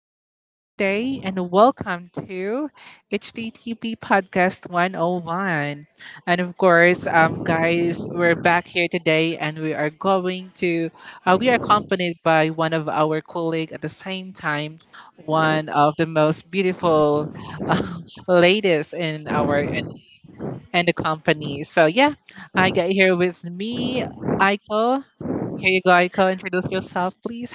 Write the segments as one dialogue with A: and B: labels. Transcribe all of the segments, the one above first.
A: host for today, and welcome to HTTP Podcast 101. And of course, guys, we're back here today, and we are going to, we are accompanied by one of our colleague at the same time, one of the most beautiful uh, ladies in our and the company. So yeah, I got here with me, Aiko. Here you go, Aiko. Introduce yourself, please.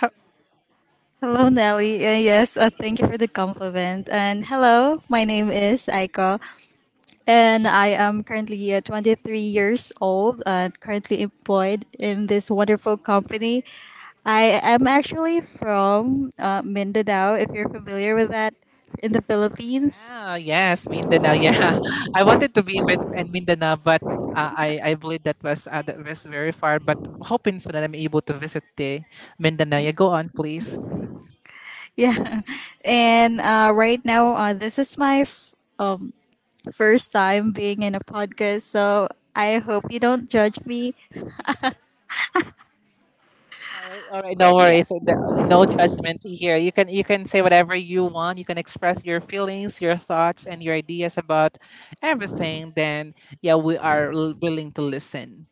B: Hello, Nelly. Yes, thank you for the compliment. And hello, my name is Aiko, and I am currently 23 years old and currently employed in this wonderful company. I am actually from Mindanao, if you're familiar with that, in the Philippines.
A: Wow, yes, Mindanao. Yeah, I wanted to be in Mindanao, but uh, I believe that was very far. But hoping soon that I'm able to visit the Mindanao. Yeah, go on, please. Mhm.
B: Yeah. And right now, this is my um, first time being in a podcast, so I hope you don't judge me.
A: All right, no
B: But yeah.
A: worries. No judgment here. You can say whatever you want. You can express your feelings, your thoughts, and your ideas about everything. Then yeah, we are willing to listen.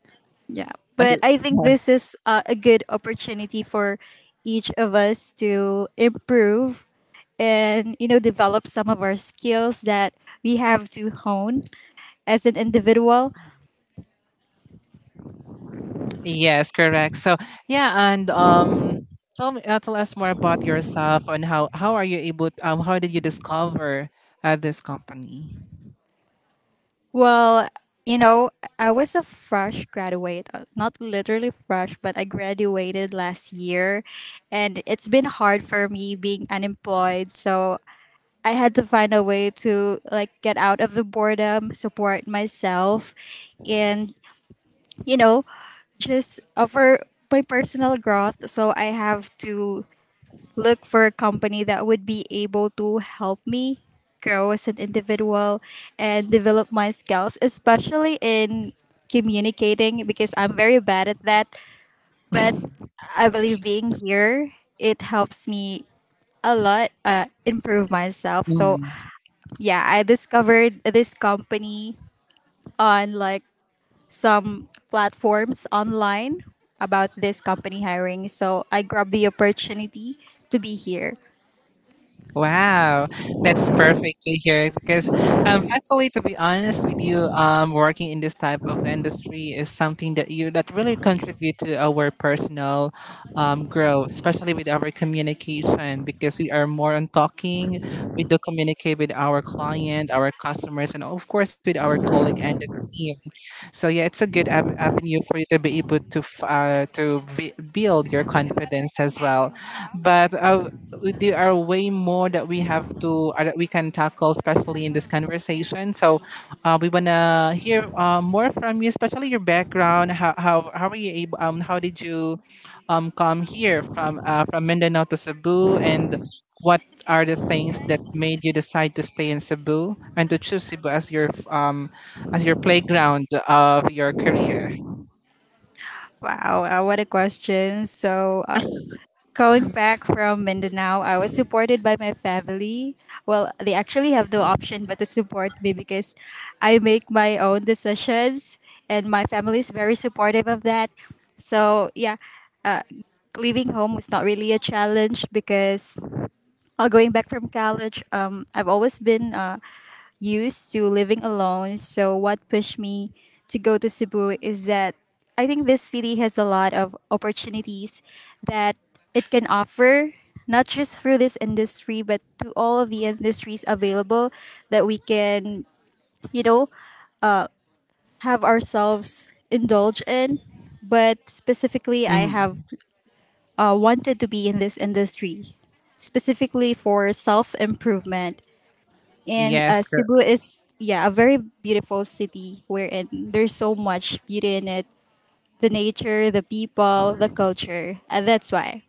B: But
A: Okay.
B: I think this is a good opportunity for each of us to improve and develop some of our skills that we have to hone as an individual.
A: Yes, correct. So yeah, and tell tell us more about yourself and how are you able? How did you discover this company?
B: Well, you know, I was a fresh graduate, not literally fresh, but I graduated last year and it's been hard for me being unemployed. So I had to find a way to like get out of the boredom, support myself and you know, just for my personal growth. So I have to look for a company that would be able to help me grow as an individual and develop my skills, especially in communicating because I'm very bad at that. But I believe being here, it helps me a lot improve myself. So yeah, I discovered this company on like some platforms online about this company hiring. So I grabbed the opportunity to be here.
A: Wow, that's perfect to hear because actually, to be honest with you, working in this type of industry is something that you that really contribute to our personal growth, especially with our communication because we are more on talking. We do communicate with our client, our customers, and of course with our colleague and the team. So yeah, it's a good avenue for you to be able to build your confidence as well. But there are way more that we have to that we can tackle, especially in this conversation. So we wanna hear more from you, especially your background. How are you able? How did you come here from Mindanao to Cebu and what are the things that made you decide to stay in Cebu and to choose Cebu as your playground of your career.
B: Wow, what a question. So, going back from Mindanao, I was supported by my family. Well, they actually have no option but to support me because I make my own decisions, and my family is very supportive of that. So, yeah, leaving home was not really a challenge because going back from college, I've always been used to living alone. So, what pushed me to go to Cebu is that I think this city has a lot of opportunities that it can offer, not just through this industry, but to all of the industries available that we can, you know, have ourselves indulge in. But specifically, I
A: Mhm.
B: have wanted to be in this industry, specifically for self improvement. And
A: Yes.
B: Cebu is, yeah, a very beautiful city wherein there's so much beauty in it, the nature, the people, the culture. And that's why.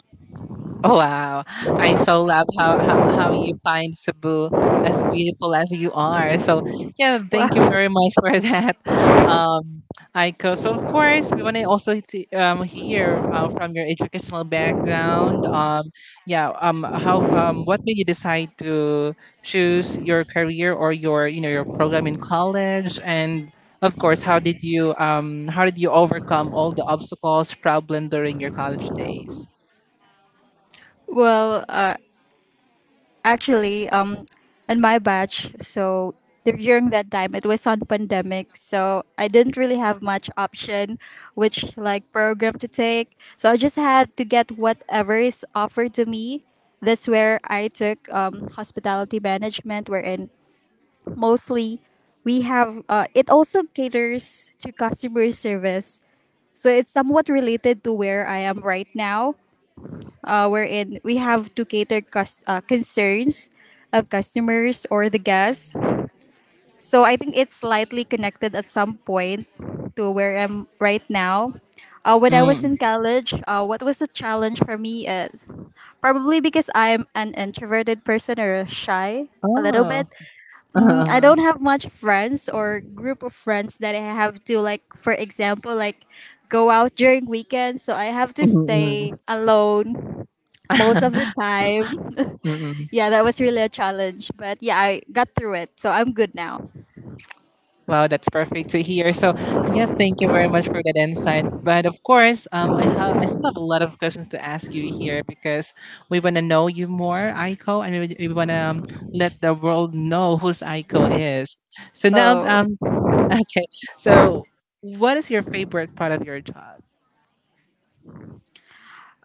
A: Wow, I so love how you find Cebu as beautiful as you are. So yeah, thank you
B: Well,
A: very much for that, um, Aiko. So of course we want to also hear from your educational background. Yeah, how what made you decide to choose your career or your you know your program in college, and of course how did you overcome all the obstacles problem during your college days?
B: well, uh, Actually, in my batch, so during that time it was on pandemic, so I didn't really have much option, which like program to take. So I just had to get whatever is offered to me. That's where I took hospitality management, wherein mostly we have it also caters to customer service, so it's somewhat related to where I am right now, wherein we have to cater concerns of customers or the guests, so I think it's slightly connected at some point to where I'm right now. When I was
A: Mm.
B: in college, what was a challenge for me is probably because I'm an introverted person or shy a little
A: Oh.
B: bit. I
A: Uh-huh.
B: don't have much friends or group of friends that I have to, like, for example, like go out during weekends, so I have to stay
A: Mm-mm.
B: alone most of the time.
A: Mm-mm.
B: Yeah, that was really a challenge, but yeah, I got through it. So I'm good now.
A: Wow, that's perfect to hear. So, yes, thank you very much for that insight. But of course, I still have a lot of questions to ask you here because we want to know you more, Aiko, and we want to let the world know who's Aiko is. So
B: Oh.
A: okay. So, what is your favorite part of your job?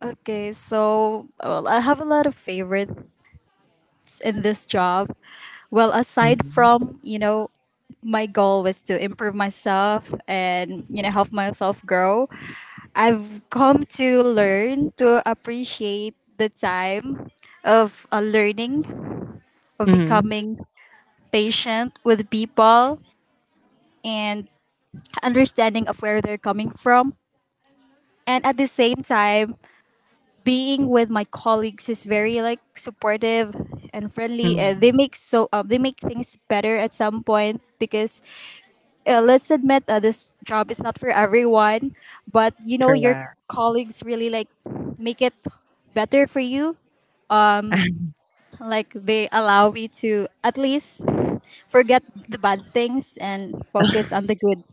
B: Okay, so well, I have a lot of favorites in this job. Well, aside
A: Mm-hmm.
B: from my goal was to improve myself and help myself grow. I've come to learn to appreciate the time of learning, of
A: Mm-hmm.
B: becoming patient with people and understanding of where they're coming from. And at the same time, being with my colleagues is very like supportive and friendly. They make things better at some point because let's admit, this job is not for everyone, but your
A: Correct.
B: colleagues really like make it better for you, like they allow me to at least forget the bad things and focus on the good.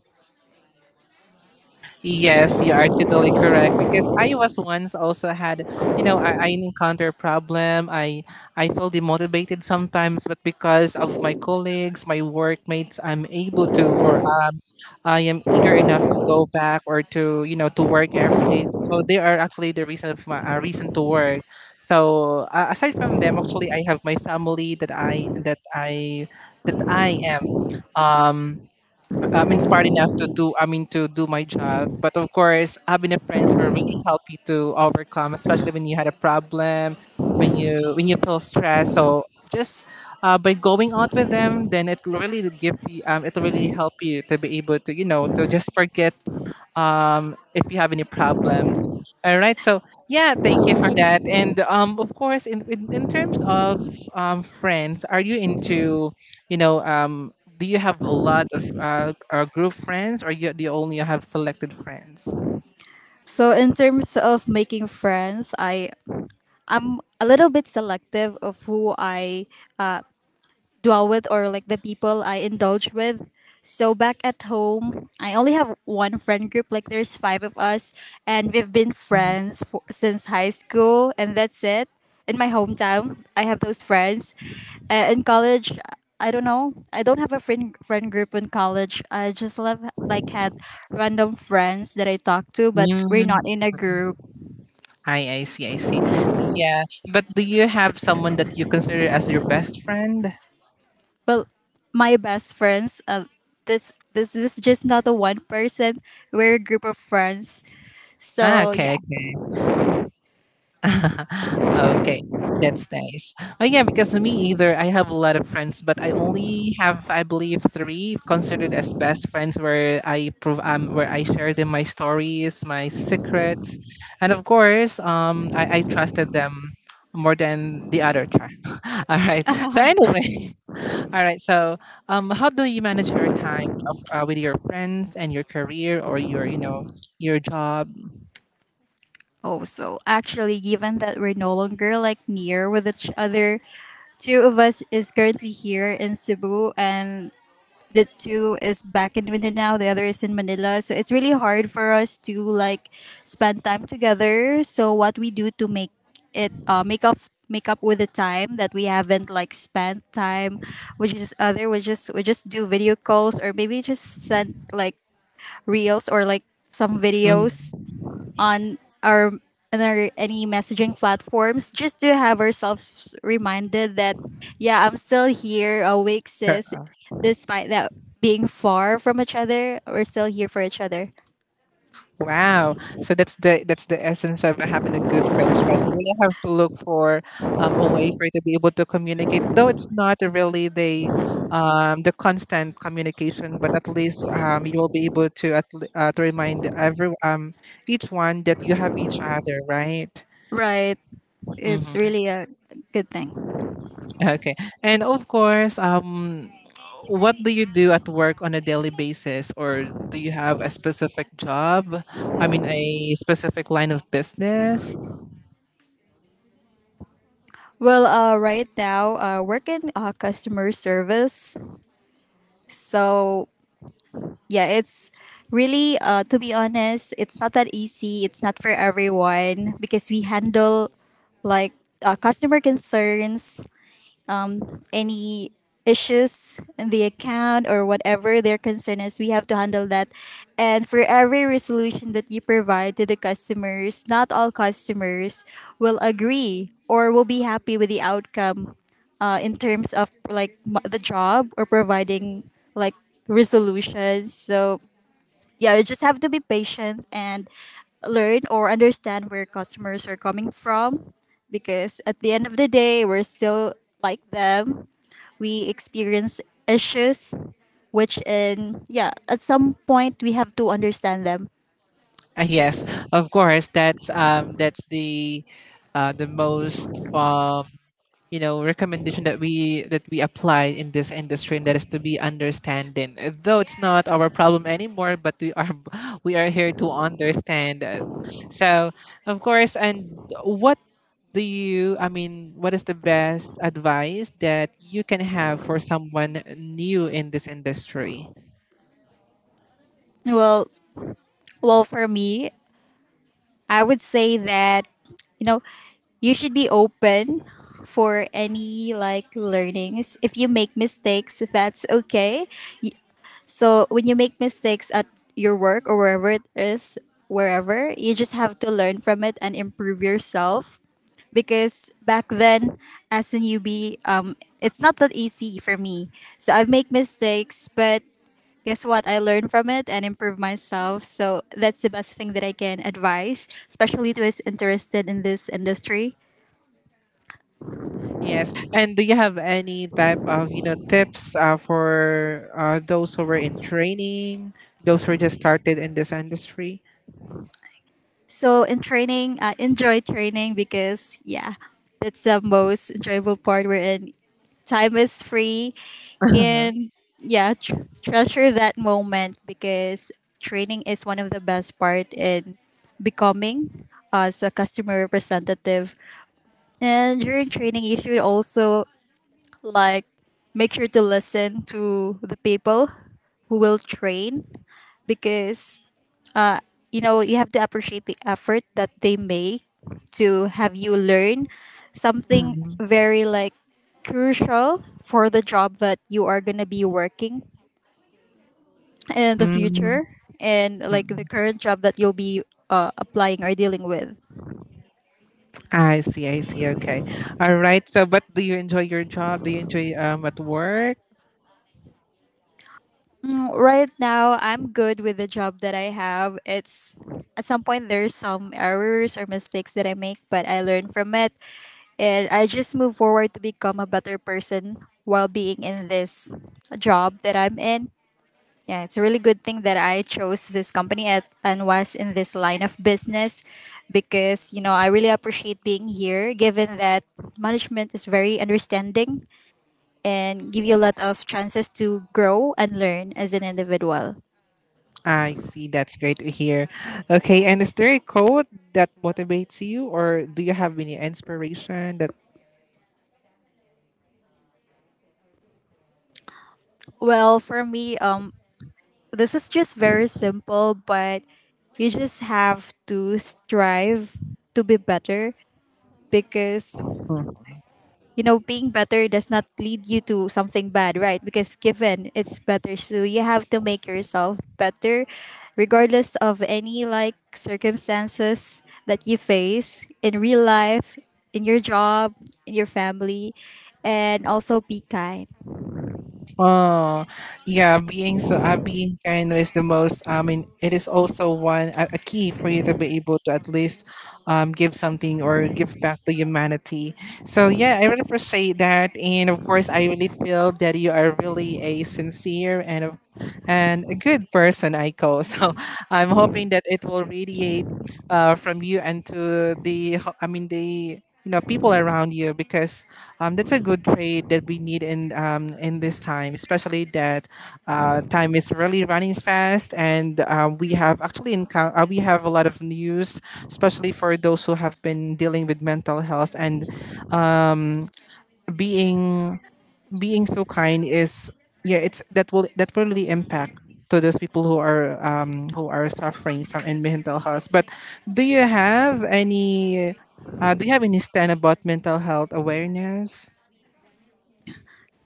A: Yes, you are totally correct because I was once also had, you know, I encounter a problem. I feel demotivated sometimes, but because of my colleagues, my workmates, I'm able to or I am eager enough to go back or to, you know, to work every day. So they are actually the reason of my reason to work. So aside from them, actually, I have my family that I that I that I am um inspired enough to do I mean to do my job, but of course having a friends will really help you to overcome, especially when you had a problem, when you feel stressed. So just by going out with them, then it will really give you. It will really help you to be able to, you know, to just forget if you have any problem. All right. So yeah, thank you for that. And of course, in terms of friends, are you into, you know, um, do you have a lot of group friends, or you do you only have selected friends?
B: So in terms of making friends, I'm a little bit selective of who I dwell with, or like the people I indulge with. So back at home, I only have one friend group. Like there's five of us, and we've been friends since high school, and that's it. In my hometown, I have those friends. In college, I don't know. I don't have a friend group in college. I just love like had random friends that I talk to, but we're
A: Mm,
B: not in a group.
A: I see. Yeah, but do you have someone that you consider as your best friend?
B: Well, my best friends, this is just not a one person. We're a group of friends.
A: Ah,
B: So yeah.
A: okay. Okay, that's nice. Oh yeah, because me either. I have a lot of friends, but I only have, I believe, three considered as best friends, where I shared them my stories, my secrets, and of course, I trusted them more than the other All right. So anyway, all right. So, how do you manage your time with your friends and your career or your, you know, your job?
B: Oh, so actually, given that we're no longer like near with each other, two of us is currently here in Cebu, and the two is back in Mindanao, now, the other is in Manila. So it's really hard for us to like spend time together. So what we do to it uh, make up make up with the time that we haven't like spent time, which is other, we just do video calls or maybe just send like reels or like some videos
A: Mhm.
B: on our our any messaging platforms just to have ourselves reminded that, yeah, I'm still here awake, sis. Despite that, being far from each other, we're still here for each other.
A: Wow. So that's the essence of having a good friends, right? You really have to look for a way for you to be able to communicate. Though it's not really the constant communication, but at least you will be able to to remind every each one that you have each other, right?
B: Right, it's
A: Hmm.
B: really a good thing.
A: Okay. And of course, what do you do at work on a daily basis, or do you have a specific job? I mean, a specific line of business.
B: Well, right now I work in customer service. So yeah, it's really, to be honest, it's not that easy. It's not for everyone because we handle like customer concerns, um, any issues in the account or whatever their concern is, we have to handle that. And for every resolution that you provide to the customers, not all customers will agree or will be happy with the outcome, in terms of like the job or providing like resolutions. So yeah, you just have to be patient and learn or understand where customers are coming from because at the end of the day, we're still like them. We experience issues which in, yeah, at some point we have to understand them.
A: Yes, of course. That's the most you know recommendation that we apply in this industry, and that is to be understanding. Though it's not our problem anymore, but we are we are here to understand. So of course, and what do you I mean, what is the best advice that you can have for someone new in this industry?
B: Well, well, for me, I would say that you know, you should be open for any like learnings. If you make mistakes, that's okay. So when you make mistakes at your work or wherever it is, wherever, you just have to learn from it and improve yourself. Because back then, as a newbie, it's not that easy for me. So I've made mistakes, but guess what? I learned from it and improve myself. So that's the best thing that I can advise, especially to those interested in this industry.
A: Yes. And do you have any type of, you know, tips for those who were in training, those who just started in this industry?
B: So in training, I enjoy training because, yeah, that's the most enjoyable part. We're in time is free
A: Uh-huh.
B: and, yeah, treasure that moment because training is one of the best part in becoming as a customer representative. And during training, you should also like make sure to listen to the people who will train because you have to appreciate the effort that they make to have you learn something
A: Mm,
B: very like crucial for the job that you are going to be working in the
A: mm,
B: future and like the
A: mm.
B: current job that you'll be applying or dealing with.
A: I see, I see. Okay. All right. So, but do you enjoy your job? Do you enjoy at work?
B: Right now I'm good with the job that I have. It's at some point there's some errors or mistakes that I make but I learn from it, and I just move forward to become a better person while being in this job that I'm in. Yeah, it's a really good thing that I chose this company at, and was in this line of business because I really appreciate being here given that management is very understanding and give you a lot of chances to grow and learn as an individual.
A: I see. That's great to hear. Okay. And is there a quote that motivates you, or do you have any inspiration that?
B: Well, for me, this is just very simple, but you just have to strive to be better because being better does not lead you to something bad, right, because given it's better so you have to make yourself better regardless of any like circumstances that you face in real life, in your job, in your family, and also be kind.
A: Oh, yeah, being kind is the most. I mean, it is also a key for you to be able to at least give something or give back to humanity. So yeah, I really appreciate that, and of course, I really feel that you are really a sincere and a good person, Aiko. So I'm hoping that it will radiate from you and to the I mean the you know people around you because that's a good trait that we need in this time, especially that time is really running fast and we have actually we have a lot of news, especially for those who have been dealing with mental health, and being being so kind is yeah it's that will really impact to those people who are suffering from in mental health. But do you have any do you have any stand about mental health awareness?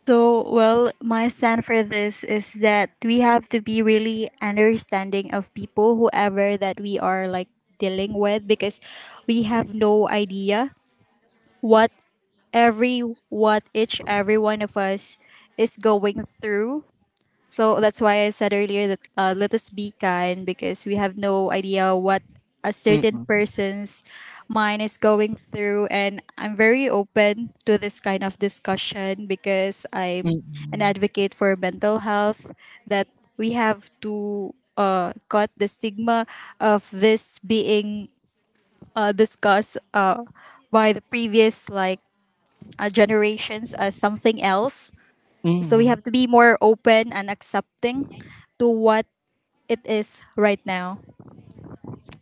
B: So, well, my stand for this is that we have to be really understanding of people, whoever that we are like dealing with, because we have no idea what every what each every one of us is going through. So that's why I said earlier that, let us be kind because we have no idea what a certain
A: Mm-mm.
B: person's mind is going through. And I'm very open to this kind of discussion because I'm an
A: Mm-mm.
B: advocate for mental health, that we have to cut the stigma of this being discussed by the previous like generations as something else. So we
A: Mm.
B: have to be more open and accepting to what it is right now.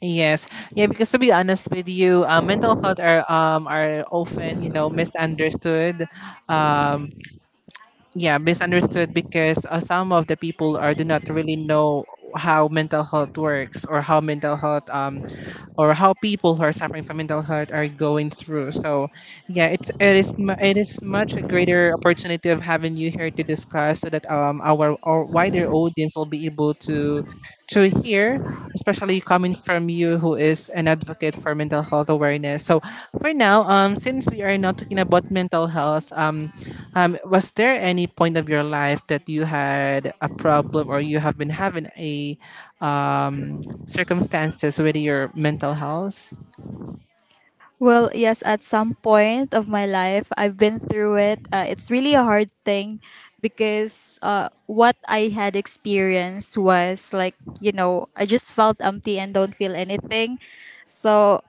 A: Yes, yeah. Because to be honest with you, mental health are often you know misunderstood, um yeah misunderstood because some of the people are do not really know how mental health works or how mental health or how people who are suffering from mental health are going through. So, yeah, it is mu- it is much a greater opportunity of having you here to discuss so that our wider audience will be able to hear, especially coming from you who is an advocate for mental health awareness. So for now, since we are not talking about mental health, was there any point of your life that you had a problem or you have been having a um circumstances with your mental health.
B: Well, yes, at some point of my life, I've been through it. It's really a hard thing because what I had experienced was like, I just felt empty and don't feel anything. So,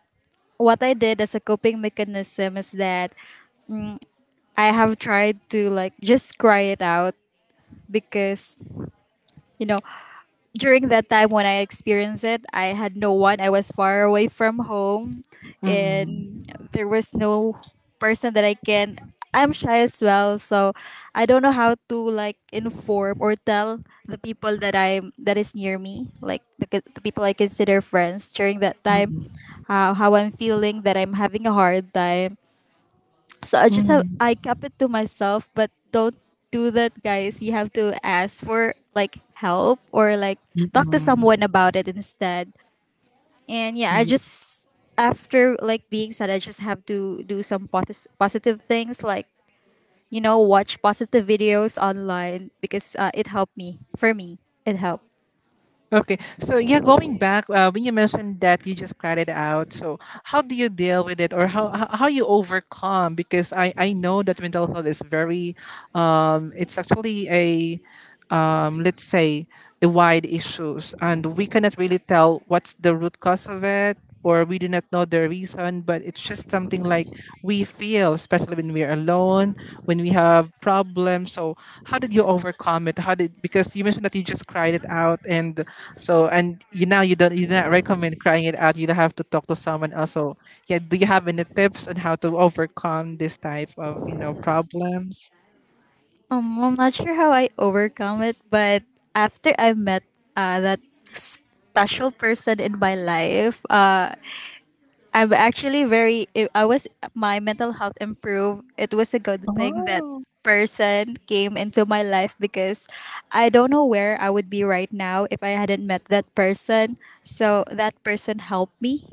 B: what I did as a coping mechanism is that I have tried to like just cry it out because, you know, during that time when I experienced it, I had no one. I was far away from home, and
A: Mm-mm.
B: there was no person that I can. I'm shy as well, so I don't know how to like inform or tell the people that I'm that is near me, like the people I consider friends during that time,
A: Mm-mm.
B: how I'm feeling that I'm having a hard time, so I just have
A: Mm-mm.
B: I kept it to myself, but don't do that, guys. You have to ask for like help or like talk to someone
A: Mm-mm.
B: about it instead. And yeah, I
A: Y-
B: just after like being sad, I just have to do some positive things like watch positive videos online because it helped me. For me, it helped.
A: Okay, so yeah, going back when you mentioned that you just cried it out, so how do you deal with it, or how you overcome? Because I know that mental health is very, it's actually a, let's say a wide issues, and we cannot really tell what's the root cause of it. Or we do not know the reason, but it's just something like we feel, especially when we are alone, when we have problems. So, how did you overcome it? How did because you mentioned that you just cried it out, and so and you now you don't you do not recommend crying it out. You don't have to talk to someone else. So, yeah, do you have any tips on how to overcome this type of you know problems?
B: I'm not sure how I overcome it, but after I met that special person in my life, I'm actually very. If I was my mental health improved, it was a good thing that
A: Oh,
B: person came into my life because I don't know where I would be right now if I hadn't met that person. So that person helped me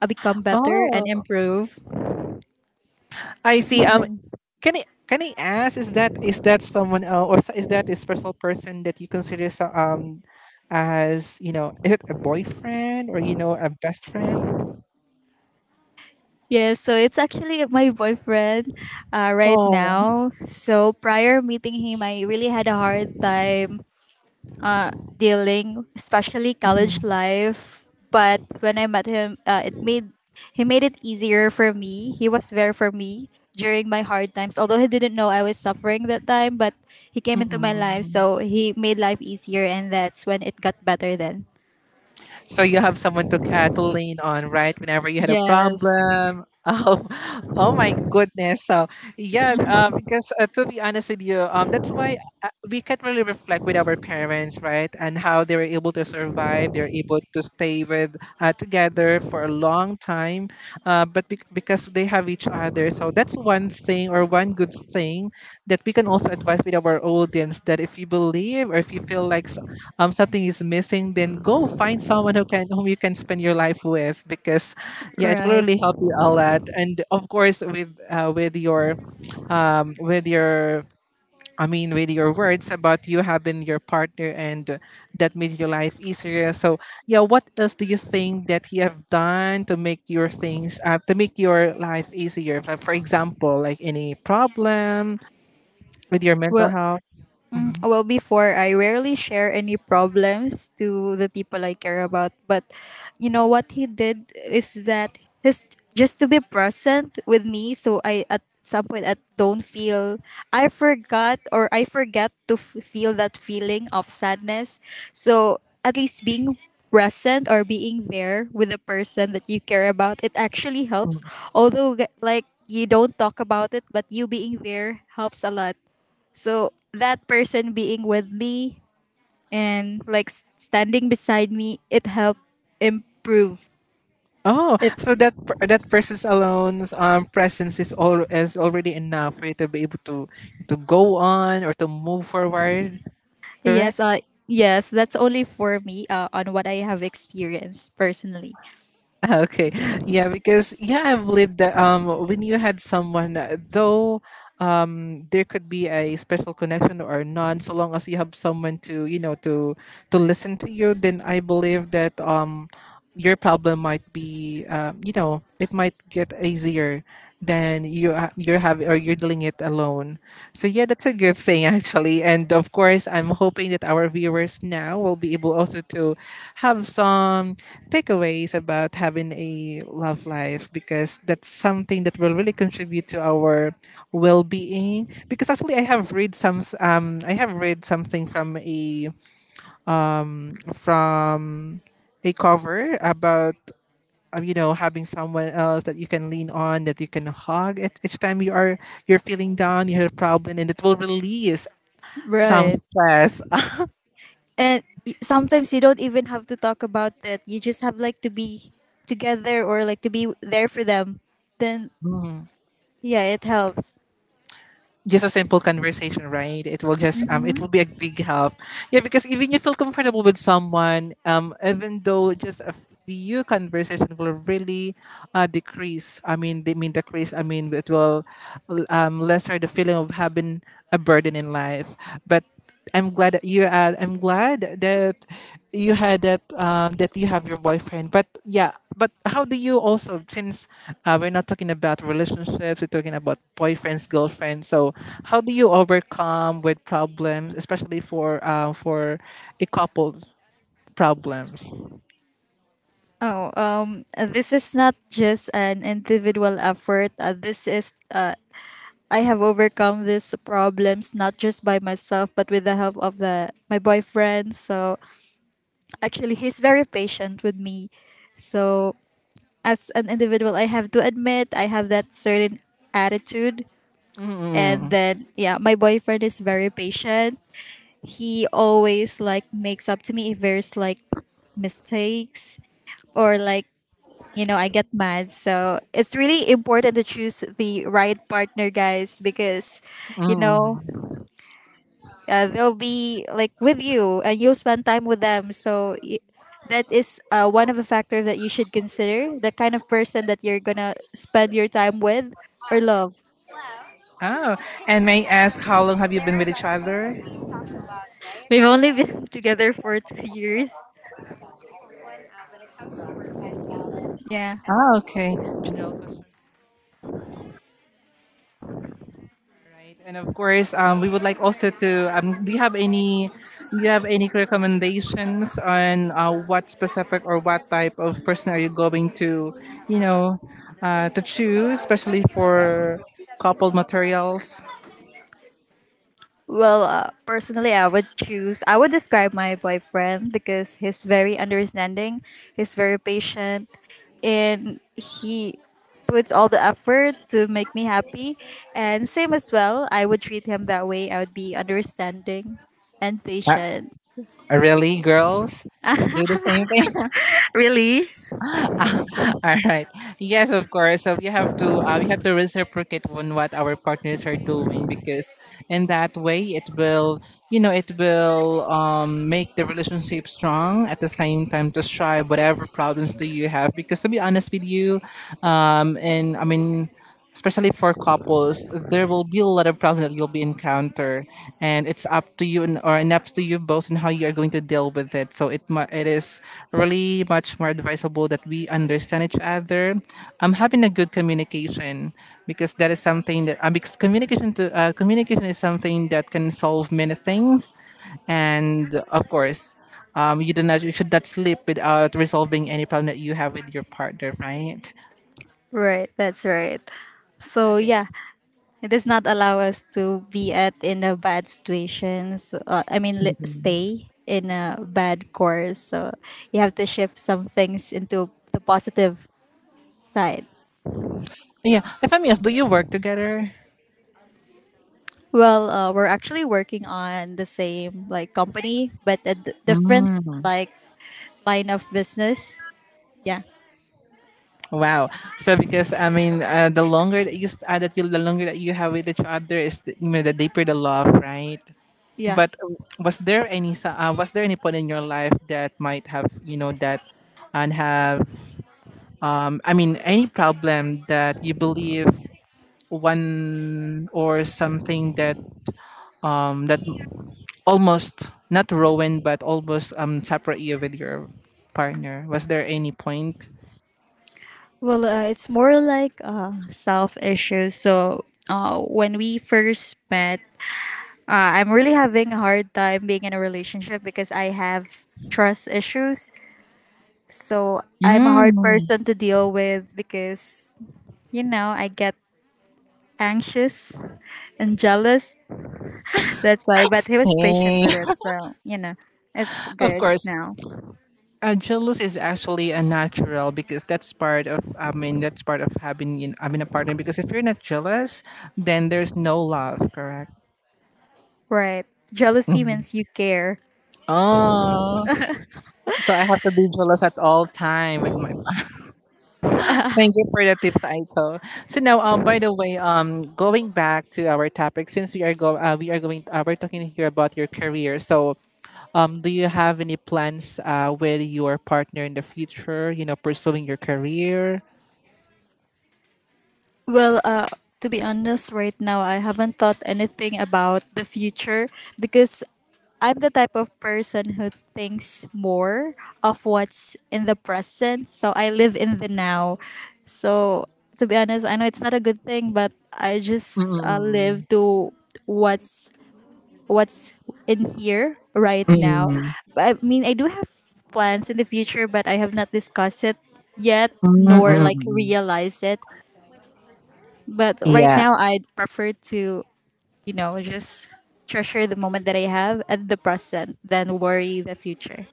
B: become better and
A: oh,
B: improve.
A: I see. Can I ask? Is that someone else, or is that a special person that you consider so, as you know? Is it a boyfriend or a best friend?
B: Yeah, so it's actually my boyfriend right
A: Oh,
B: now. So prior meeting him, I really had a hard time uh, dealing, especially college
A: mm-mm.
B: life. But when I met him, it made he made it easier for me. He was there for me during my hard times. Although he didn't know I was suffering that time, but he came into my life, so he made life easier, and that's when it got better. Then
A: So you have someone to lean on, right? Whenever you had a
B: yes,
A: problem. Oh, oh my goodness. So yeah, because to be honest with you, that's why we can't really reflect with our parents, right? And how they were able to survive, they're able to stay with together for a long time, but because they have each other. So that's one thing or one good thing that we can also advise with our audience that if you believe or if you feel like something is missing, then go find someone who can whom you can spend your life with because yeah, it will
B: right.
A: really help you a lot. And of course with your I mean with your words about you having your partner and that made your life easier. So yeah, what else do you think that you have done to make your things to make your life easier? Like for example, like any problem with your mental
B: Well,
A: health?
B: Well, before I rarely share any problems to the people I care about. But you know what he did is that his just to be present with me, so I at some point I don't feel I forgot or I forget to feel that feeling of sadness. So at least being present or being there with the person that you care about, it actually helps.
A: Mm-hmm.
B: Although like you don't talk about it, but you being there helps a lot. So that person being with me and like standing beside me, it helped improve.
A: Oh,
B: It
A: so that that person's alone's presence is all is already enough for you to be able to go on or to move forward.
B: yes,
A: Correct.
B: yes, that's only for me on what I have experienced personally.
A: Ah, okay. Yeah, because yeah, I believe that when you had someone, though there could be a special connection or none, so long as you have someone to to listen to you, then I believe that your problem might be it might get easier than you you're having or you're dealing it alone. So yeah, that's a good thing actually, and of course I'm hoping that our viewers now will be able also to have some takeaways about having a love life because that's something that will really contribute to our well-being because actually I have read some I have read something from a cover about you know, having someone else that you can lean on, that you can hug at each time you are you're feeling down, you have a problem, and it will release some
B: Right.
A: stress.
B: And sometimes you don't even have to talk about it. You just have like to be together or like to be there for them. Then
A: um,
B: yeah, it helps.
A: just a simple conversation, right? It will just it
B: hmm
A: will be a big help. Yeah, because even you feel comfortable with someone, even though just a few conversation will really decrease, I mean they mean decrease, I mean it will lesser the feeling of having a burden in life. But I'm glad that you. I'm glad that you had that. That you have your boyfriend. But yeah. But how do you also? Since we're not talking about relationships, we're talking about boyfriends, girlfriends. So how do you overcome with problems, especially for a couple problems?
B: Oh, this is not just an individual effort. This is I have overcome these problems not just by myself but with the help of the my boyfriend. So actually he's very patient with me. So as an individual I have to admit I have that certain attitude and
A: Mm,
B: then yeah, my boyfriend is very patient. He always like makes up to me if there's like mistakes or like you know I get mad so it's really important to choose the right partner guys because you know
A: mm.
B: they'll be like with you and you'll spend time with them so that is one of the factors that you should consider the kind of person that you're gonna spend your time with or love.
A: Oh, and may I ask how long have you been with each other?
B: We've only been together for two years. Yeah.
A: Oh, okay. General question. Right, and of course, we would like also to. Do you have any? Do you have any recommendations on what specific or what type of person are you going to, you know, to choose, especially for coupled materials?
B: Well, personally, I would describe my boyfriend because he's very understanding, he's very patient, and he puts all the effort to make me happy. And same as well, I would treat him that way. I would be understanding and
A: Uh,
B: patient.
A: really, girls do the same.
B: Really?
A: All right. Yes, of course. So we have to reciprocate on what our partners are doing because in that way it will you know it will make the relationship strong at the same time to strive whatever problems do you have because to be honest with you, and I mean especially for couples, there will be a lot of problems that you'll be encounter, and it's up to you and or and up to you both and how you are going to deal with it. So it it is really much more advisable that we understand each other. I'm having a good communication because that is something that because communication to communication is something that can solve many things, and of course. You do not you should not sleep without resolving any problem that you have with your partner, right?
B: Right, that's right. So, yeah, it does not allow us to be at in a bad situation. So, I mean, stay in a bad course. So you have to shift some things into the positive side.
A: Yeah. If I'm yes, do you work together?
B: Well, we're actually working on the same like company, but a different
A: Mm.
B: like line of business. Yeah,
A: Wow. So because I mean, the longer that you that you the longer that you have with each other is the, you know, the deeper the love, right?
B: yeah.
A: But was there any was there any point in your life that might have you know that and have I mean any problem that you believe one or something that that almost not ruined but almost separate you with your partner, was there any point?
B: Well, it's more like self issues. So when we first met, I'm really having a hard time being in a relationship because I have trust issues. So I'm a hard
A: Mm,
B: person to deal with because, you know, I get anxious and jealous. That's why,
A: I
B: but he was patient
A: see.
B: with it. So, you know, it's
A: Of
B: good
A: course,
B: now.
A: jealous is actually a natural because that's part of. I mean, that's part of having you know, having a partner. Because if you're not jealous, then there's no love. Correct.
B: Right. Jealousy
A: Mhm.
B: means you care.
A: Oh, so I have to be jealous at all time with my. Thank you for the tips, Aito. So now, by the way, going back to our topic, since we are going, we're talking here about your career. So, do you have any plans with your partner in the future? You know, pursuing your career.
B: Well, to be honest, right now I haven't thought anything about the future because I'm the type of person who thinks more of what's in the present. So I live in the now. So to be honest, I know it's not a good thing, but I just
A: Mm,
B: live to what's what's in here right
A: mm,
B: now.
A: mm,
B: I mean, I do have plans in the future, but I have not discussed it yet
A: mm,
B: nor like
A: mm.
B: realize it but right
A: Yeah,
B: now, I'd prefer to, you know, just treasure the moment that I have and the present than worry the future.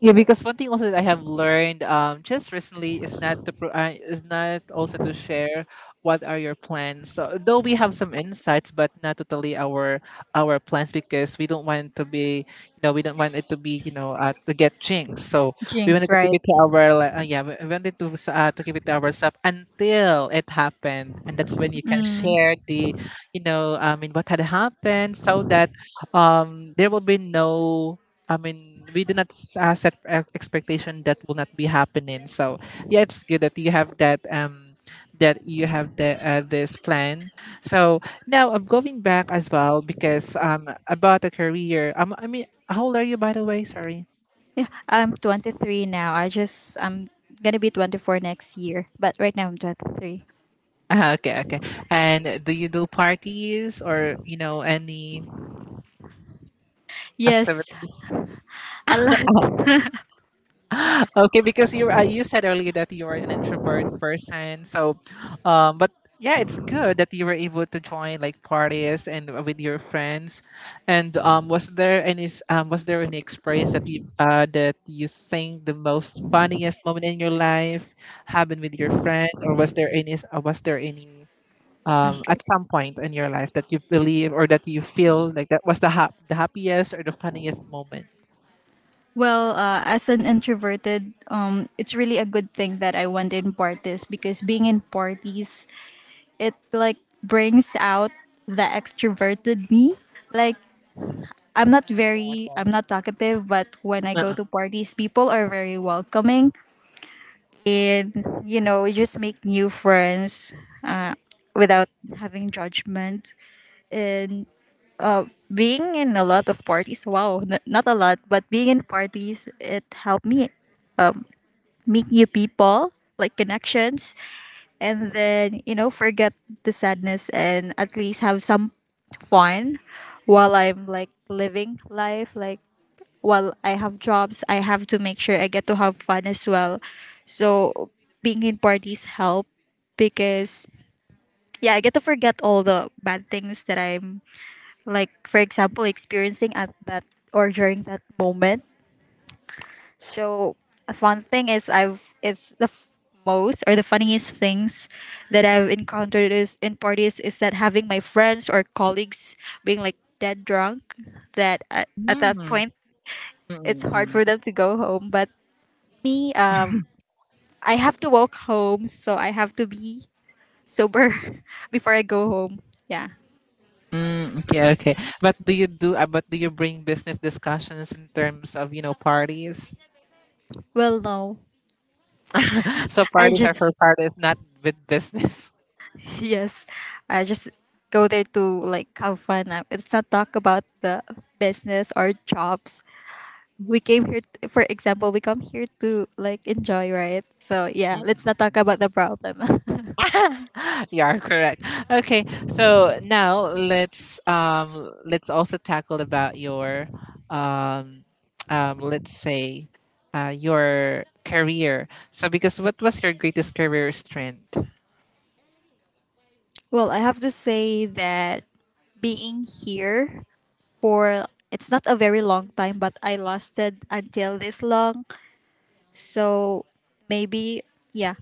A: yeah, because one thing also that I have learned just recently is not to is not also to share what are your plans. So though we have some insights, but not totally our plans because we don't want it to be you know we don't want it to be you know to get jinxed. So we
B: Jinx,
A: wanted to keep
B: right?
A: it to our like, yeah we wanted to to keep it to ourselves until it happened, and that's when you can share the you know I mean what had happened so that there will be no I mean, we do not set expectation that will not be happening. So yeah, it's good that you have that that you have the this plan. So now I'm going back as well because about the career. I mean, how old are you by the way? Sorry.
B: I'm 23 now. I'm gonna be 24 next year. But right now, I'm 23.
A: Ah, okay, okay. And do you do parties or you know any?
B: Yes, a lot.
A: Okay, because you you said earlier that you are an introvert person so but yeah it's good that you were able to join like parties and with your friends and was there any was there any experience that you think the most funniest moment in your life happened with your friend or was there any was there any
B: Okay.
A: at some point in your life that you believe or that you feel like that was the the happiest or the funniest moment.
B: Well, as an introverted, it's really a good thing that I went in parties because being in parties, it like brings out the extroverted me. Like
A: Okay,
B: I'm not talkative, but when I go
A: okay.
B: to parties, people are very welcoming and you know, you just make new friends without having judgment. And being in a lot of parties, wow, not a lot, but being in parties, it helped me meet new people, like connections, and then, you know, forget the sadness and at least have some fun while I'm like living life, like while I have jobs, I have to make sure I get to have fun as well. So being in parties help because yeah, I get to forget all the bad things that I'm like for example experiencing at that or during that moment. So a fun thing is I've it's the most or the funniest things that I've encountered is in parties is that having my friends or colleagues being like dead drunk that at that
A: Mm,
B: point
A: mm,
B: it's hard
A: mm.
B: for them to go home but me, I have to walk home, so I have to be sober before I go home. Yeah.
A: Okay, okay. But do you do? But do you bring business discussions in terms of you know parties?
B: Well, no,
A: So
B: I
A: parties are
B: just
A: for parties, not with business.
B: yes, I just go there to like have fun. It's not talk about the business or jobs. We came here, t- for example, we come here to like enjoy, right? So yeah, let's not
A: Mm.
B: talk about the problem.
A: You are correct. Okay, so now let's also tackle about your um let's say your career. So because what was your greatest career strength?
B: well, I have to say that being here for it's not a very long time but I lasted until this long. So maybe yeah,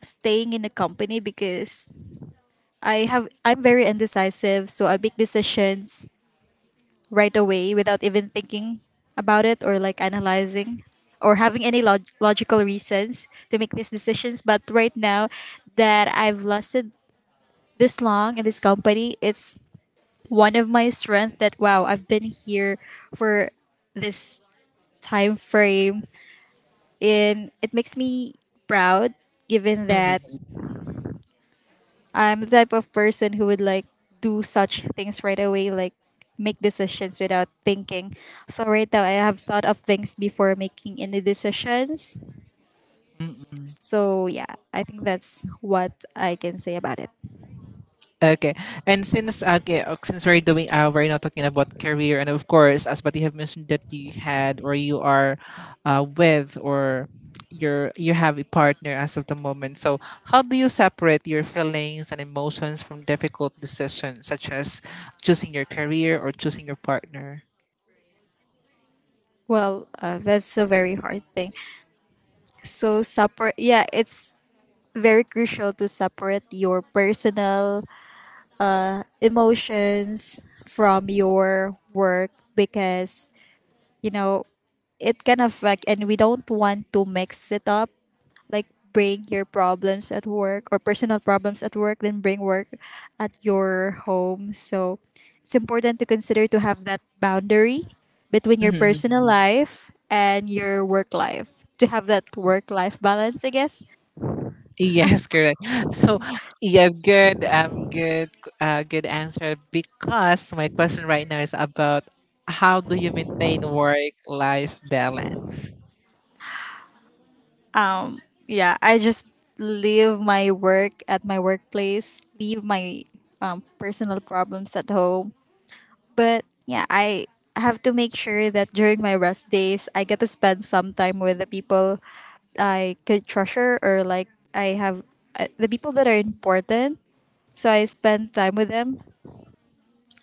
B: staying in a company because I'm very indecisive, so I make decisions right away without even thinking about it or like analyzing or having any logical reasons to make these decisions. But right now that I've lasted this long in this company, it's one of my strengths. That wow, I've been here for this time frame and it makes me proud given that I'm the type of person who would like do such things right away, like make decisions without thinking. So right now I have thought of things before making any decisions.
A: Mm-mm.
B: So yeah, I think that's what I can say about it.
A: Okay, and since okay, since we're doing we're not talking about career, and of course, as but you have mentioned that you had or you are, with or you're you have a partner as of the moment. So how do you separate your feelings and emotions from difficult decisions such as choosing your career or choosing your partner?
B: Well, that's a very hard thing. So separate, yeah, it's very crucial to separate your personal emotions from your work because you know, it can affect and we don't want to mix it up. Like bring your problems at work or personal problems at work, then bring work at your home. So it's important to consider to have that boundary between your personal
A: Mhm.
B: life and your work life. To have that work life balance, I guess.
A: Yes, correct. So, yeah, good, good, good answer. Because my question right now is about how do you maintain work-life balance?
B: Um yeah, I just leave my work at my workplace, leave my personal problems at home. But yeah, I have to make sure that during my rest days, I get to spend some time with the people I could treasure or like I have the people that are important. So I spend time with them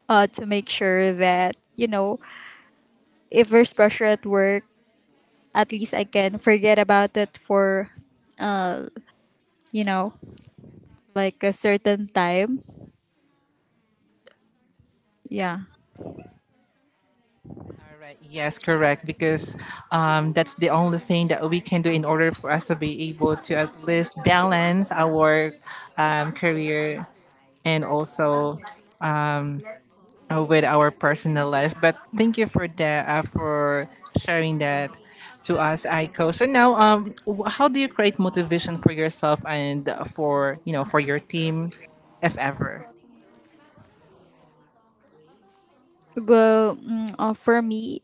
B: to make sure that, you know, if there's pressure at work, at least I can forget about it for, you know, like a certain time. Yeah.
A: All right. Yes, correct. Because that's the only thing that we can do in order for us to be able to at least balance our career and also with our personal life. But thank you for that for sharing that to us, Aiko. So now, how do you create motivation for yourself and for you know for your team, if ever?
B: Well, for me,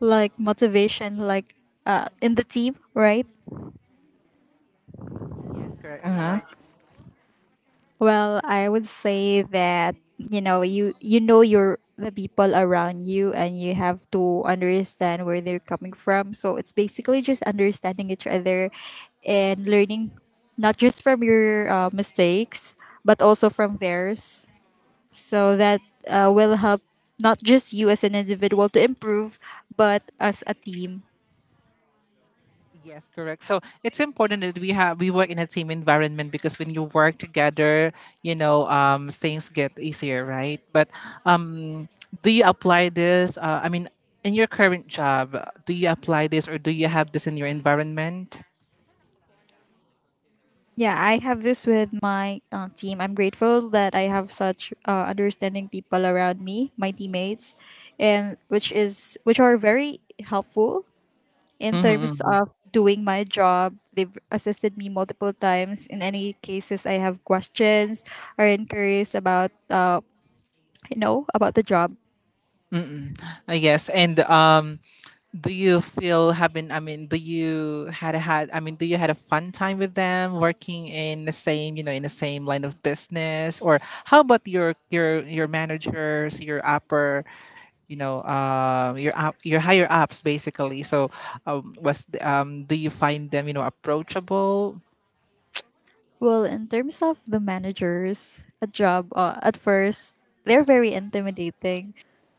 B: like motivation, like in the team, right?
A: Yes, correct. Uh-huh.
B: Well, I would say that you know your the people around you and you have to understand where they're coming from. So it's basically just understanding each other and learning not just from your mistakes but also from theirs. So that will help not just you as an individual to improve, but as a team.
A: Yes, correct. So it's important that we have we work in a team environment because when you work together, you know, things get easier, right? But um, do you apply this? I mean, in your current job, do you apply this or do you have this in your environment?
B: Yeah, I have this with my team. I'm grateful that I have such understanding people around me, my teammates, and which are very helpful in terms
A: Mm-hmm.
B: of doing my job. They've assisted me multiple times in any cases I have questions or inquiries about about the job.
A: Yes, and do you feel having? I mean, do you had a had? I mean, do you had a fun time with them working in the same, you know, in the same line of business? Or how about your your managers, your upper, you know, your higher ups, basically? So, do you find them, approachable?
B: Well, in terms of the managers at job, at first they're very intimidating.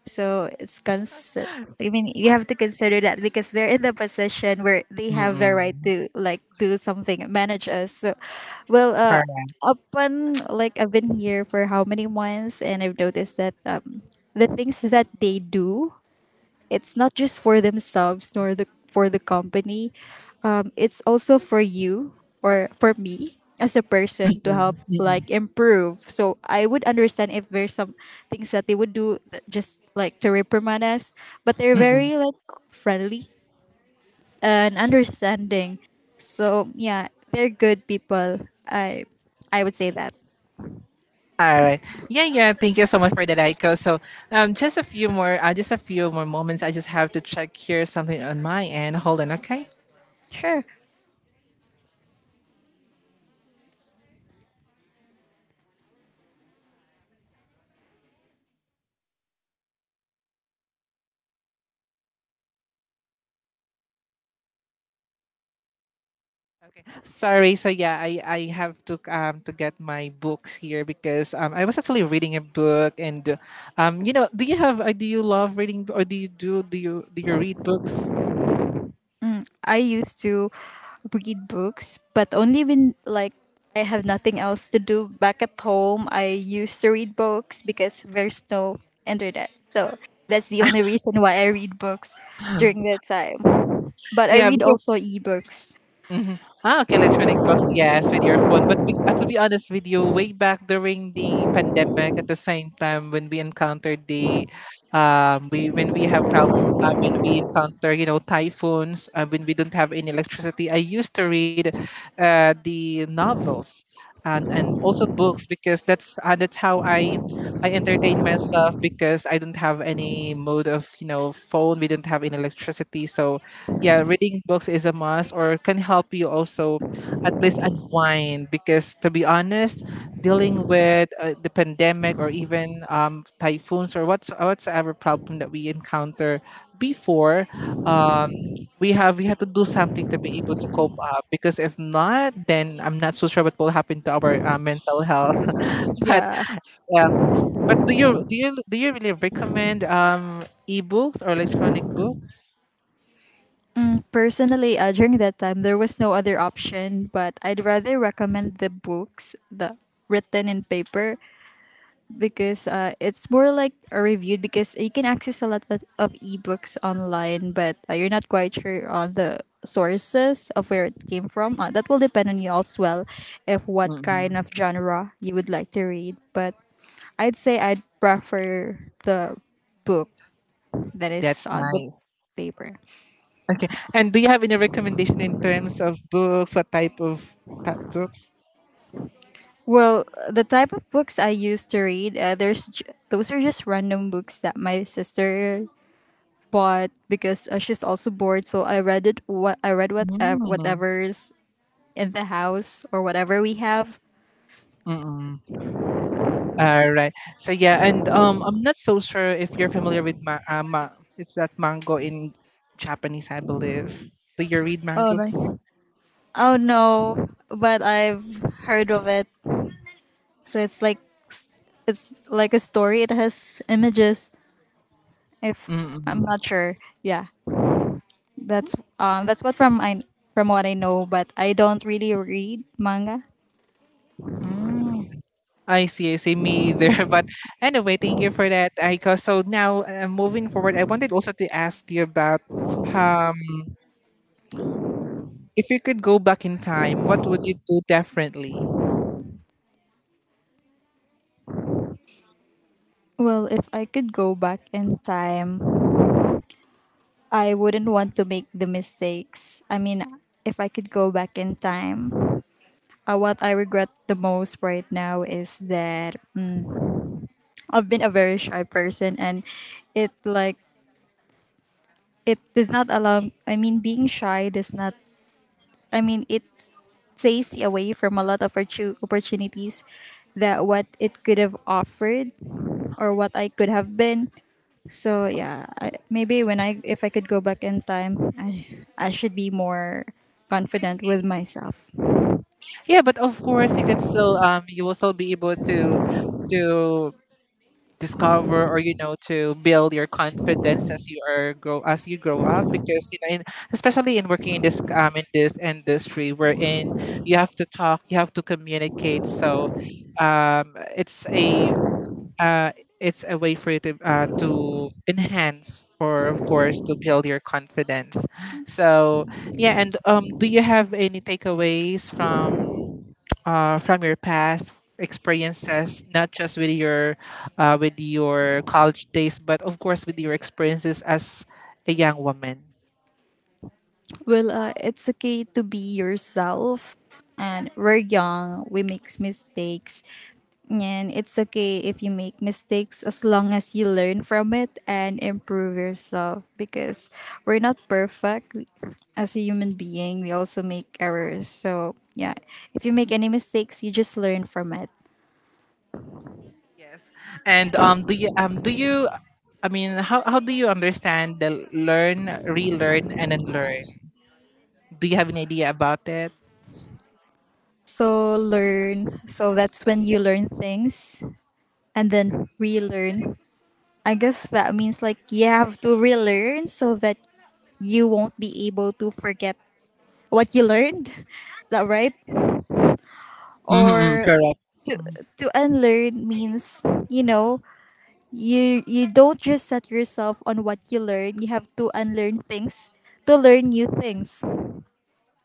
B: So it's cons. I mean, you have to consider that because they're in the position where they have the right
A: Mm-mm.
B: to like do something, manage us. So, well, uh,
A: Correct.
B: upon like I've been here for how many months, and I've noticed that the things that they do, it's not just for themselves nor the for the company. It's also for you or for me as a person to help
A: Mm-mm.
B: like improve. So I would understand if there's some things that they would do that just like to reprimand us, but they're
A: Mm-mm.
B: very like friendly and understanding. So yeah, they're good people, i I would say that.
A: All right. Yeah, yeah. Thank you so much for that, Aiko. So, just a few more, just a few more moments. I just have to check here something on my end. Hold on, okay?
B: Sure.
A: Okay. Sorry. So yeah, I have to get my books here because I was actually reading a book and, do you have do you love reading b- or do you read books?
B: I used to read books, but only when like I have nothing else to do back at home. I used to read books because there's no internet. So that's the only reason why I read books during that time. But I
A: Yeah,
B: read
A: because
B: also ebooks.
A: hmm. Ah, okay, electronic books, yes, with your phone. But to be honest with you, way back during the pandemic, at the same time when we encountered the, we when we have problem, when we encounter typhoons, when we don't have any electricity, I used to read, the novels, and also books because that's how I entertain myself because I don't have any mode of phone. We don't have any electricity, so yeah, reading books is a must or can help you also at least unwind because to be honest, dealing with the pandemic or even typhoons or what's whatsoever problem that we encounter before, um, we have to do something to be able to cope up because if not, then I'm not so sure what will happen to our mental health. But
B: Yeah.
A: um, but do you really recommend ebooks or electronic books?
B: Personally, during that time, there was no other option, but I'd rather recommend the books, the written in paper, because it's more like a review because you can access a lot of ebooks online but you're not quite sure on the sources of where it came from. That will depend on you as well if what
A: Hmm.
B: kind of genre you would like to read. But I'd say I'd prefer the book that is
A: That's
B: on the
A: nice.
B: paper.
A: Okay. And do you have any recommendation in terms of books? What type of type books?
B: Well, the type of books I used to read, those are just random books that my sister, but because she's also bored, so I read it.
A: Mm.
B: Whatever's in the house or whatever we have.
A: Mm-mm. All right. So yeah, and I'm not so sure if you're familiar with it's that mango in Japanese, I believe. Do you read
B: Oh,
A: mangoes?
B: like, oh no, but I've heard of it. So it's like s- it's like a story. It has images. If I'm
A: Mm-mm.
B: not sure, yeah, that's what from I from what I know, but I don't really read manga.
A: Mm. I see me either. But anyway, thank you for that, Aiko. So now moving forward, I wanted also to ask you about um, if you could go back in time, what would you do differently?
B: Well, if I could go back in time, I wouldn't want to make the mistakes. I mean, if I could go back in time, what I regret the most right now is that, I've been a very shy person and it like it does not allow I mean being shy does not, I mean, it stays me away from a lot of opportunities that what it could have offered or what I could have been. So yeah, I, maybe when I if I could go back in time, I should be more confident with myself.
A: Yeah, but of course you can still you will still be able to discover or you know to build your confidence as you grow up because you know in, especially in working in this industry wherein you have to talk, you have to communicate, so um it's a uh it's a way for you to enhance or of course to build your confidence. So yeah, and do you have any takeaways from your past experiences, not just with your college days, but of course with your experiences as a young woman.
B: Well, it's okay to be yourself, and we're young. We make mistakes, and it's okay if you make mistakes as long as you learn from it and improve yourself. Because we're not perfect. As a human being. We also make errors. So yeah, if you make any mistakes, you just learn from it.
A: Yes. And do you, I mean, how do you understand the learn, relearn, and unlearn? Do you have an idea about it?
B: So learn, so that's when you learn things. And then relearn, I guess that means like you have to relearn so that you won't be able to forget what you learned, that right?
A: Mm-hmm,
B: Or
A: correct.
B: to to unlearn means, you know, you don't just set yourself on what you learn, you have to unlearn things to learn new things.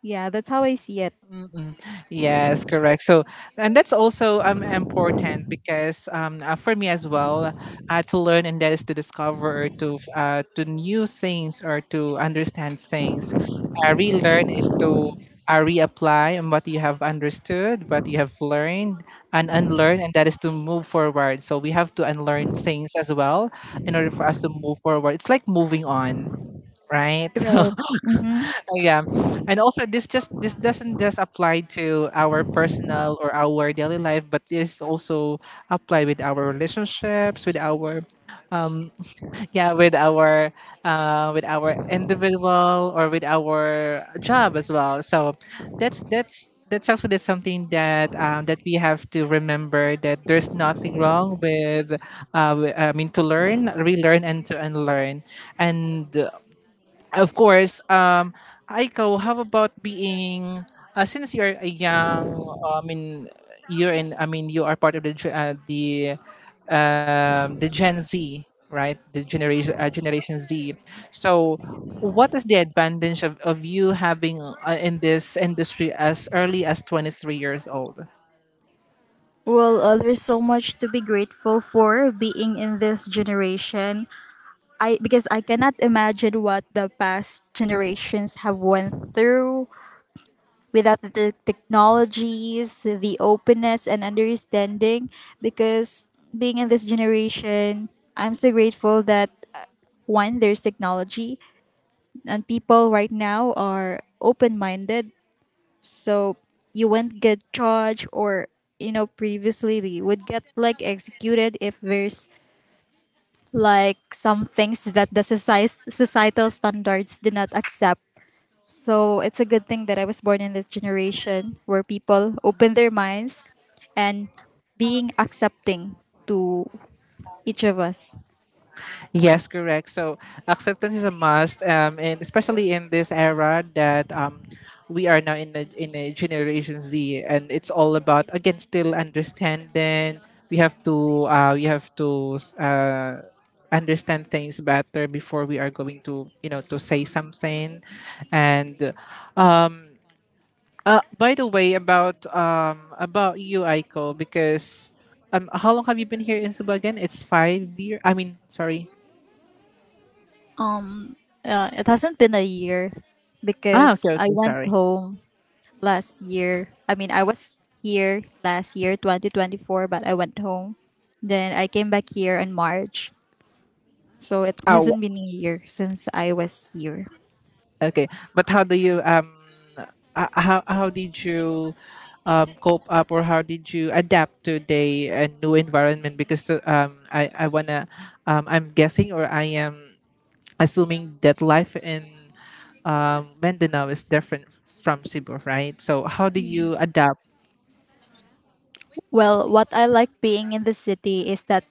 B: Yeah, that's how I see it.
A: Mm-mm. Yes, correct. So, and that's also important because for me as well, to learn, and that is to discover or to new things or to understand things. Relearn is to reapply on what you have understood, what you have learned, and unlearn, and that is to move forward. So we have to unlearn things as well in order for us to move forward. It's like moving on, right?
B: Right. Mm-hmm.
A: Yeah, and also this, just this doesn't just apply to our personal or our daily life, but this also apply with our relationships with our, yeah, with our individual or with our job as well. So that's that's actually something that that we have to remember, that there's nothing wrong with I mean to learn, relearn, and to unlearn, and of course, Aiko, how about being, since you're a young, I mean, you're in, I mean, you are part of the, the Gen Z, right? The generation, Generation Z. So, what is the advantage of you having in this industry as early as 23 years old?
B: Well, there's so much to be grateful for being in this generation. I, because I cannot imagine what the past generations have went through without the technologies, the openness and understanding. Because being in this generation, I'm so grateful that, one, there's technology and people right now are open-minded. So you won't get charged, or, you know, previously they would get like executed if there's like some things that societal standards did not accept. So it's a good thing that I was born in this generation where people open their minds and being accepting to each of us.
A: Yes, correct. So acceptance is a must, and especially in this era that we are now in a Generation Z, and it's all about again still understanding. We have to understand things better before we are going to you know to say something. And by the way, about you, Aiko, because how long have you been here in Cebu again? It's 5 year. I mean, sorry.
B: It hasn't been a year
A: Ah,
B: because
A: okay,
B: I
A: okay,
B: went
A: sorry.
B: home last year. I mean, I was here last year, 2024, but I went home. Then I came back here in March. So it
A: Oh,
B: hasn't been a year since I was here.
A: okay. But how do you how did you cope up or how did you adapt to the new environment? Because I wanna I'm guessing or I am assuming that life in Mindanao is different from Cebu, right? So how do you adapt?
B: Well, what I like being in the city is that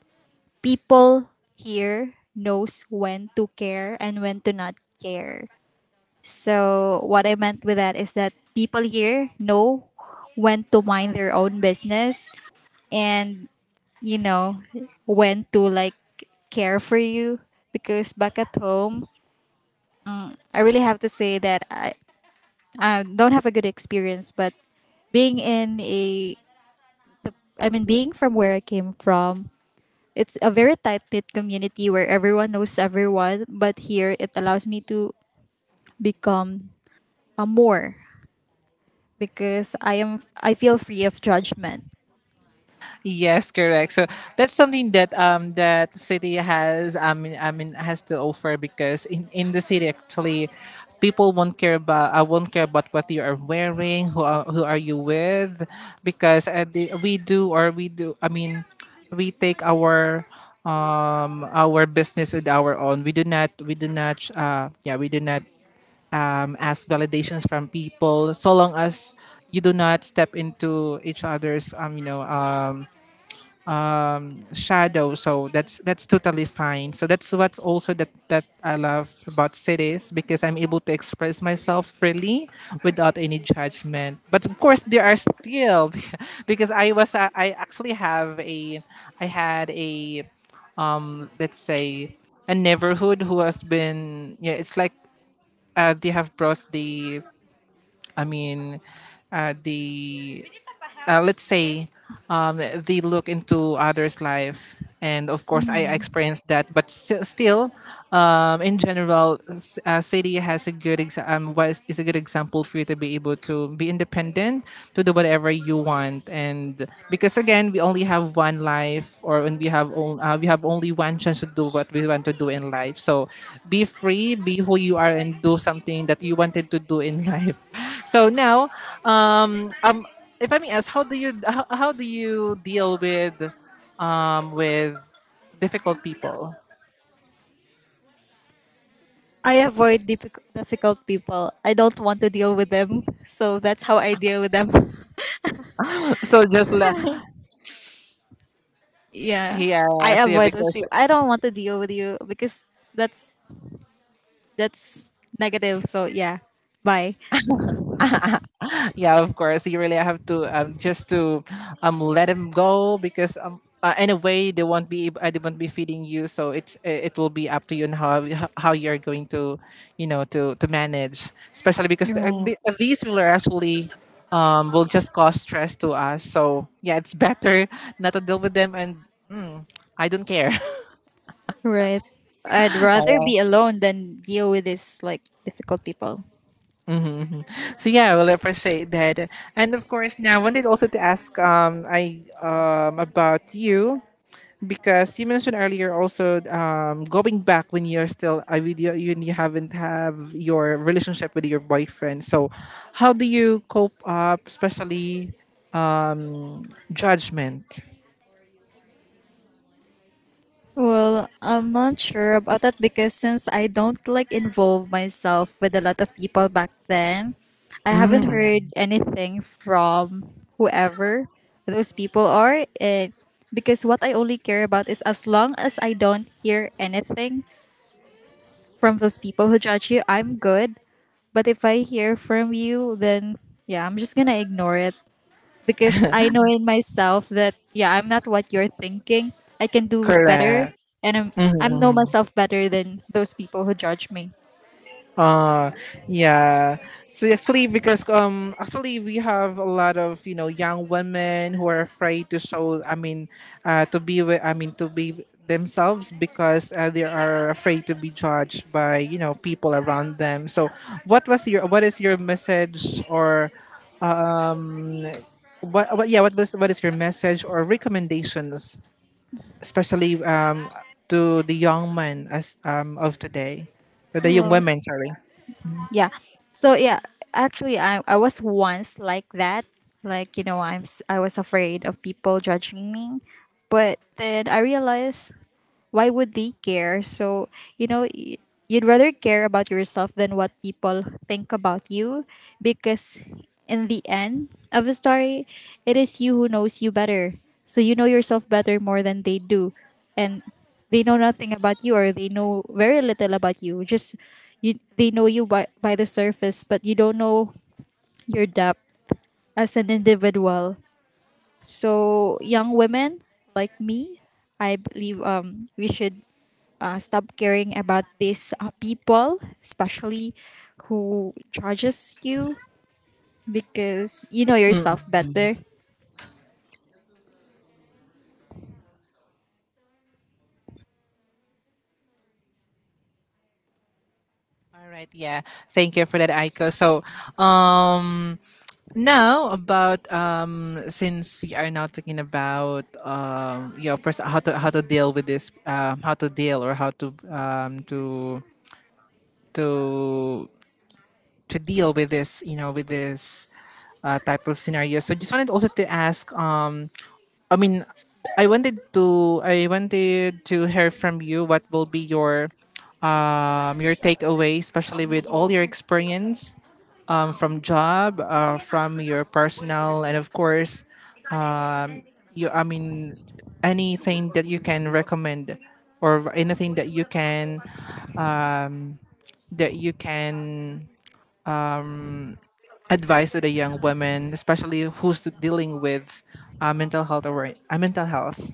B: people here knows when to care and when to not care. So what I meant with that is that people here know when to mind their own business and, you know, when to like care for you. Because back at home, I really have to say that I don't have a good experience. But being in a, I mean, being from where I came from, it's a very tight knit community where everyone knows everyone. But here it allows me to become a more, because I am, I feel free of judgment.
A: Yes, correct. So that's something that that city has, I mean, has to offer because in the city actually people won't care about, I won't care about what you are wearing, who are you with, because we do or we do I mean we take our business with our own. We do not yeah, we do not ask validations from people so long as you do not step into each other's um, shadow. So that's totally fine. So that's what's also that that I love about cities, because I'm able to express myself freely without any judgment, but of course there are still. Because I actually have a, I had a, let's say a neighborhood who has been, yeah, it's like, they have brought the, I mean, the let's say, they look into others' life, and of course, I experienced that. But still, in general, city has a good exa- was is a good example for you to be able to be independent, to do whatever you want, and because again, we only have one life, or when we have on, we have only one chance to do what we want to do in life. So, be free, be who you are, and do something that you wanted to do in life. So now, um, um if I may ask, how do you deal with difficult people?
B: I avoid difficult people. I don't want to deal with them. So that's how I deal with them.
A: So just
B: Yeah. I
A: yes, yeah,
B: avoid those
A: because
B: people. I don't want to deal with you because that's that's negative. So yeah. Bye.
A: yeah, of course, you really have to just to let them go because anyway, they won't be feeding you, so it's it will be up to you and how how you're going to, you know, to manage. Especially because
B: Right.
A: these people are actually will just cause stress to us. So yeah, it's better not to deal with them and I don't care.
B: Right. I'd rather be alone than deal with these like difficult people.
A: So yeah, well, will appreciate that. And of course, now I wanted also to ask I about you, because you mentioned earlier also going back when you're still a video, when you haven't have your relationship with your boyfriend. So how do you cope up, especially judgment?
B: Well, I'm not sure about that because since I don't like involve myself with a lot of people back then, I haven't
A: Mm.
B: heard anything from whoever those people are. And because what I only care about is as long as I don't hear anything from those people who judge you, I'm good. But if I hear from you, then yeah, I'm just gonna ignore it because I know in myself that yeah, I'm not what you're thinking. I can do better,
A: Correct.
B: and
A: Mhm.
B: I'm know myself better than those people who judge me.
A: Uh, yeah. So actually, because actually we have a lot of, you know, young women who are afraid to show, I mean, to be with, I mean, to be themselves because they are afraid to be judged by, you know, people around them. So what was your what is your message or um what yeah, what is your message or recommendations, especially to the young men as of today? To the young women, sorry.
B: Yeah, so yeah, actually, I was once like that. Like, you know, I was afraid of people judging me, but then I realized why would they care? So, you know, you'd rather care about yourself than what people think about you. Because in the end of the story, it is you who knows you better. So you know yourself better more than they do. And they know nothing about you, or they know very little about you. Just you, they know you by the surface, but you don't know your depth as an individual. So young women like me, I believe we should, stop caring about these people, especially who judges you, because you know yourself better.
A: All right, yeah. Thank you for that, Aiko. So, um, now about since we are now talking about you know, first how to deal with this, how to deal or how to to deal with this, you know, with this type of scenario. So, just wanted also to ask, I mean, I wanted to hear from you what will be your takeaway, especially with all your experience from job, from your personal, and of course, um, you. I mean, anything that you can recommend, or anything that you can that you can advise to the young women, especially who's dealing with mental health.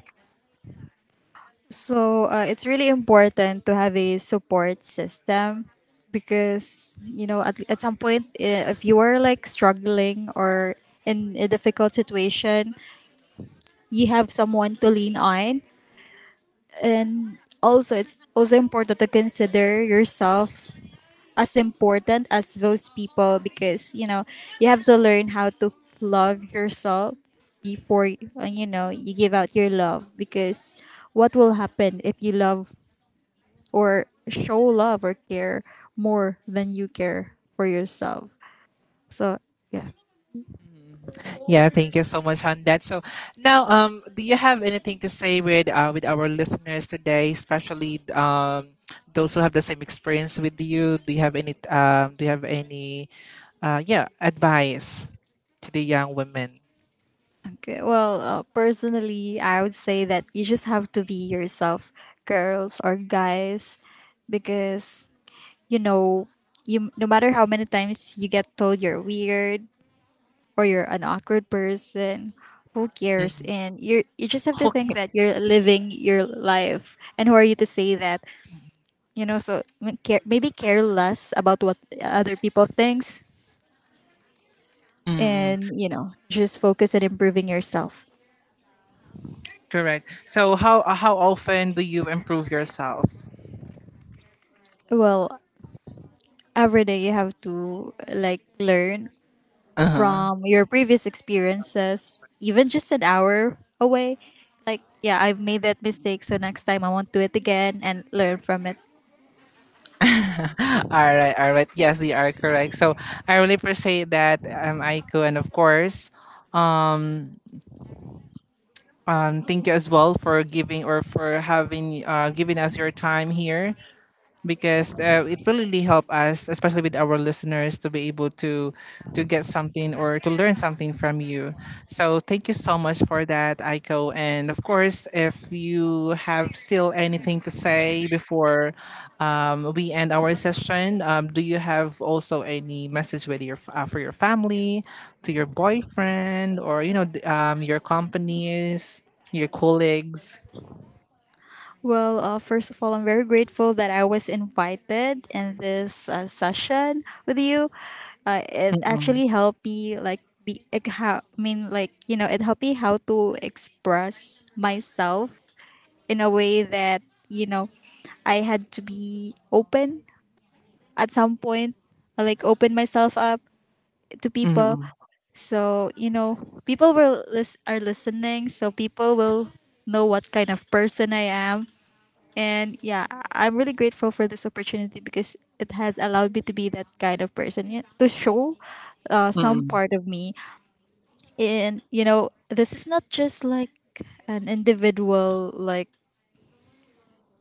B: So it's really important to have a support system because, you know, at some point, if you are like struggling or in a difficult situation, you have someone to lean on. And also it's also important to consider yourself as important as those people. Because, you know, you have to learn how to love yourself before, you know, you give out your love. Because what will happen if you love or show love or care more than you care for yourself? So yeah.
A: Yeah, thank you so much on that. So now, do you have anything to say with our listeners today, especially those who have the same experience with you? Do you have any do you have any yeah, advice to the young women?
B: Okay, well, personally I would say that you just have to be yourself, girls or guys. Because, you know, you no matter how many times you get told you're weird or you're an awkward person, who cares? And you just have to think that you're living your life and who are you to say that, you know? So maybe care less about what other people thinks. And, you know, just focus on improving yourself. Well, every day you have to like learn from your previous experiences, even just an hour away. Like, yeah, I've made that mistake, so next time I won't do it again and learn from it. Well, first of all, I'm very grateful that I was invited in this session with you. It actually helped me like be like, how, I mean, like, you know, it helped me how to express myself in a way that, you know, I had to be open at some point, like open myself up to people. So, you know, people will are listening, so people will know what kind of person I am. And yeah, I'm really grateful for this opportunity because it has allowed me to be that kind of person, you know, to show some part of me. And, you know, this is not just like an individual like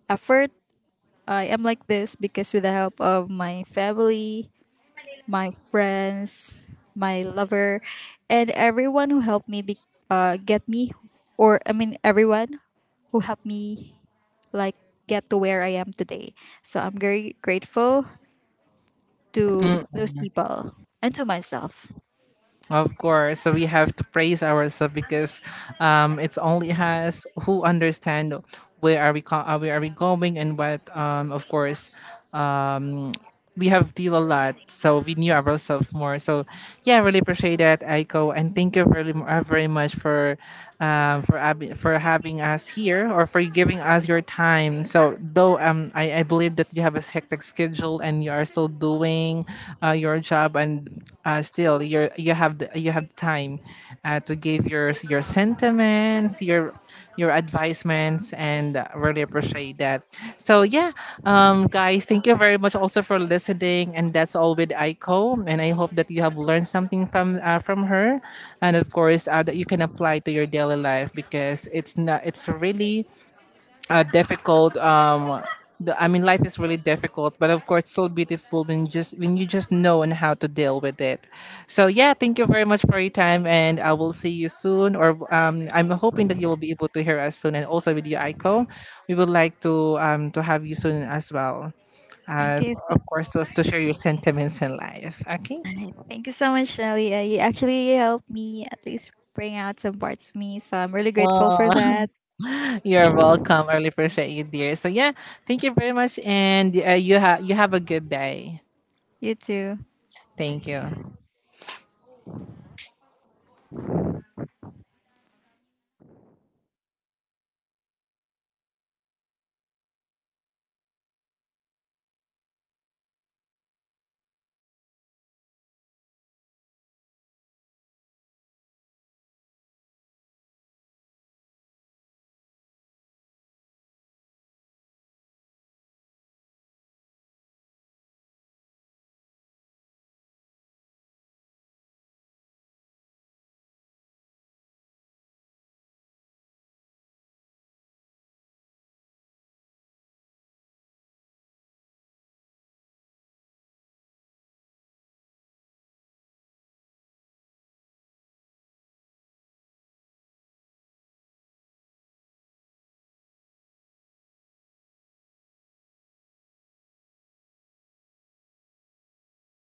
B: effort. I am like this because with the help of my family, my friends, my lover, and everyone who helped me get me, or I mean, everyone who helped me like get to where I am today. So I'm very grateful to those people and to myself. Thank you. Alright, thank you so much, Shelly. You actually helped me at least bring out some parts of me. So I'm really grateful for that. You too.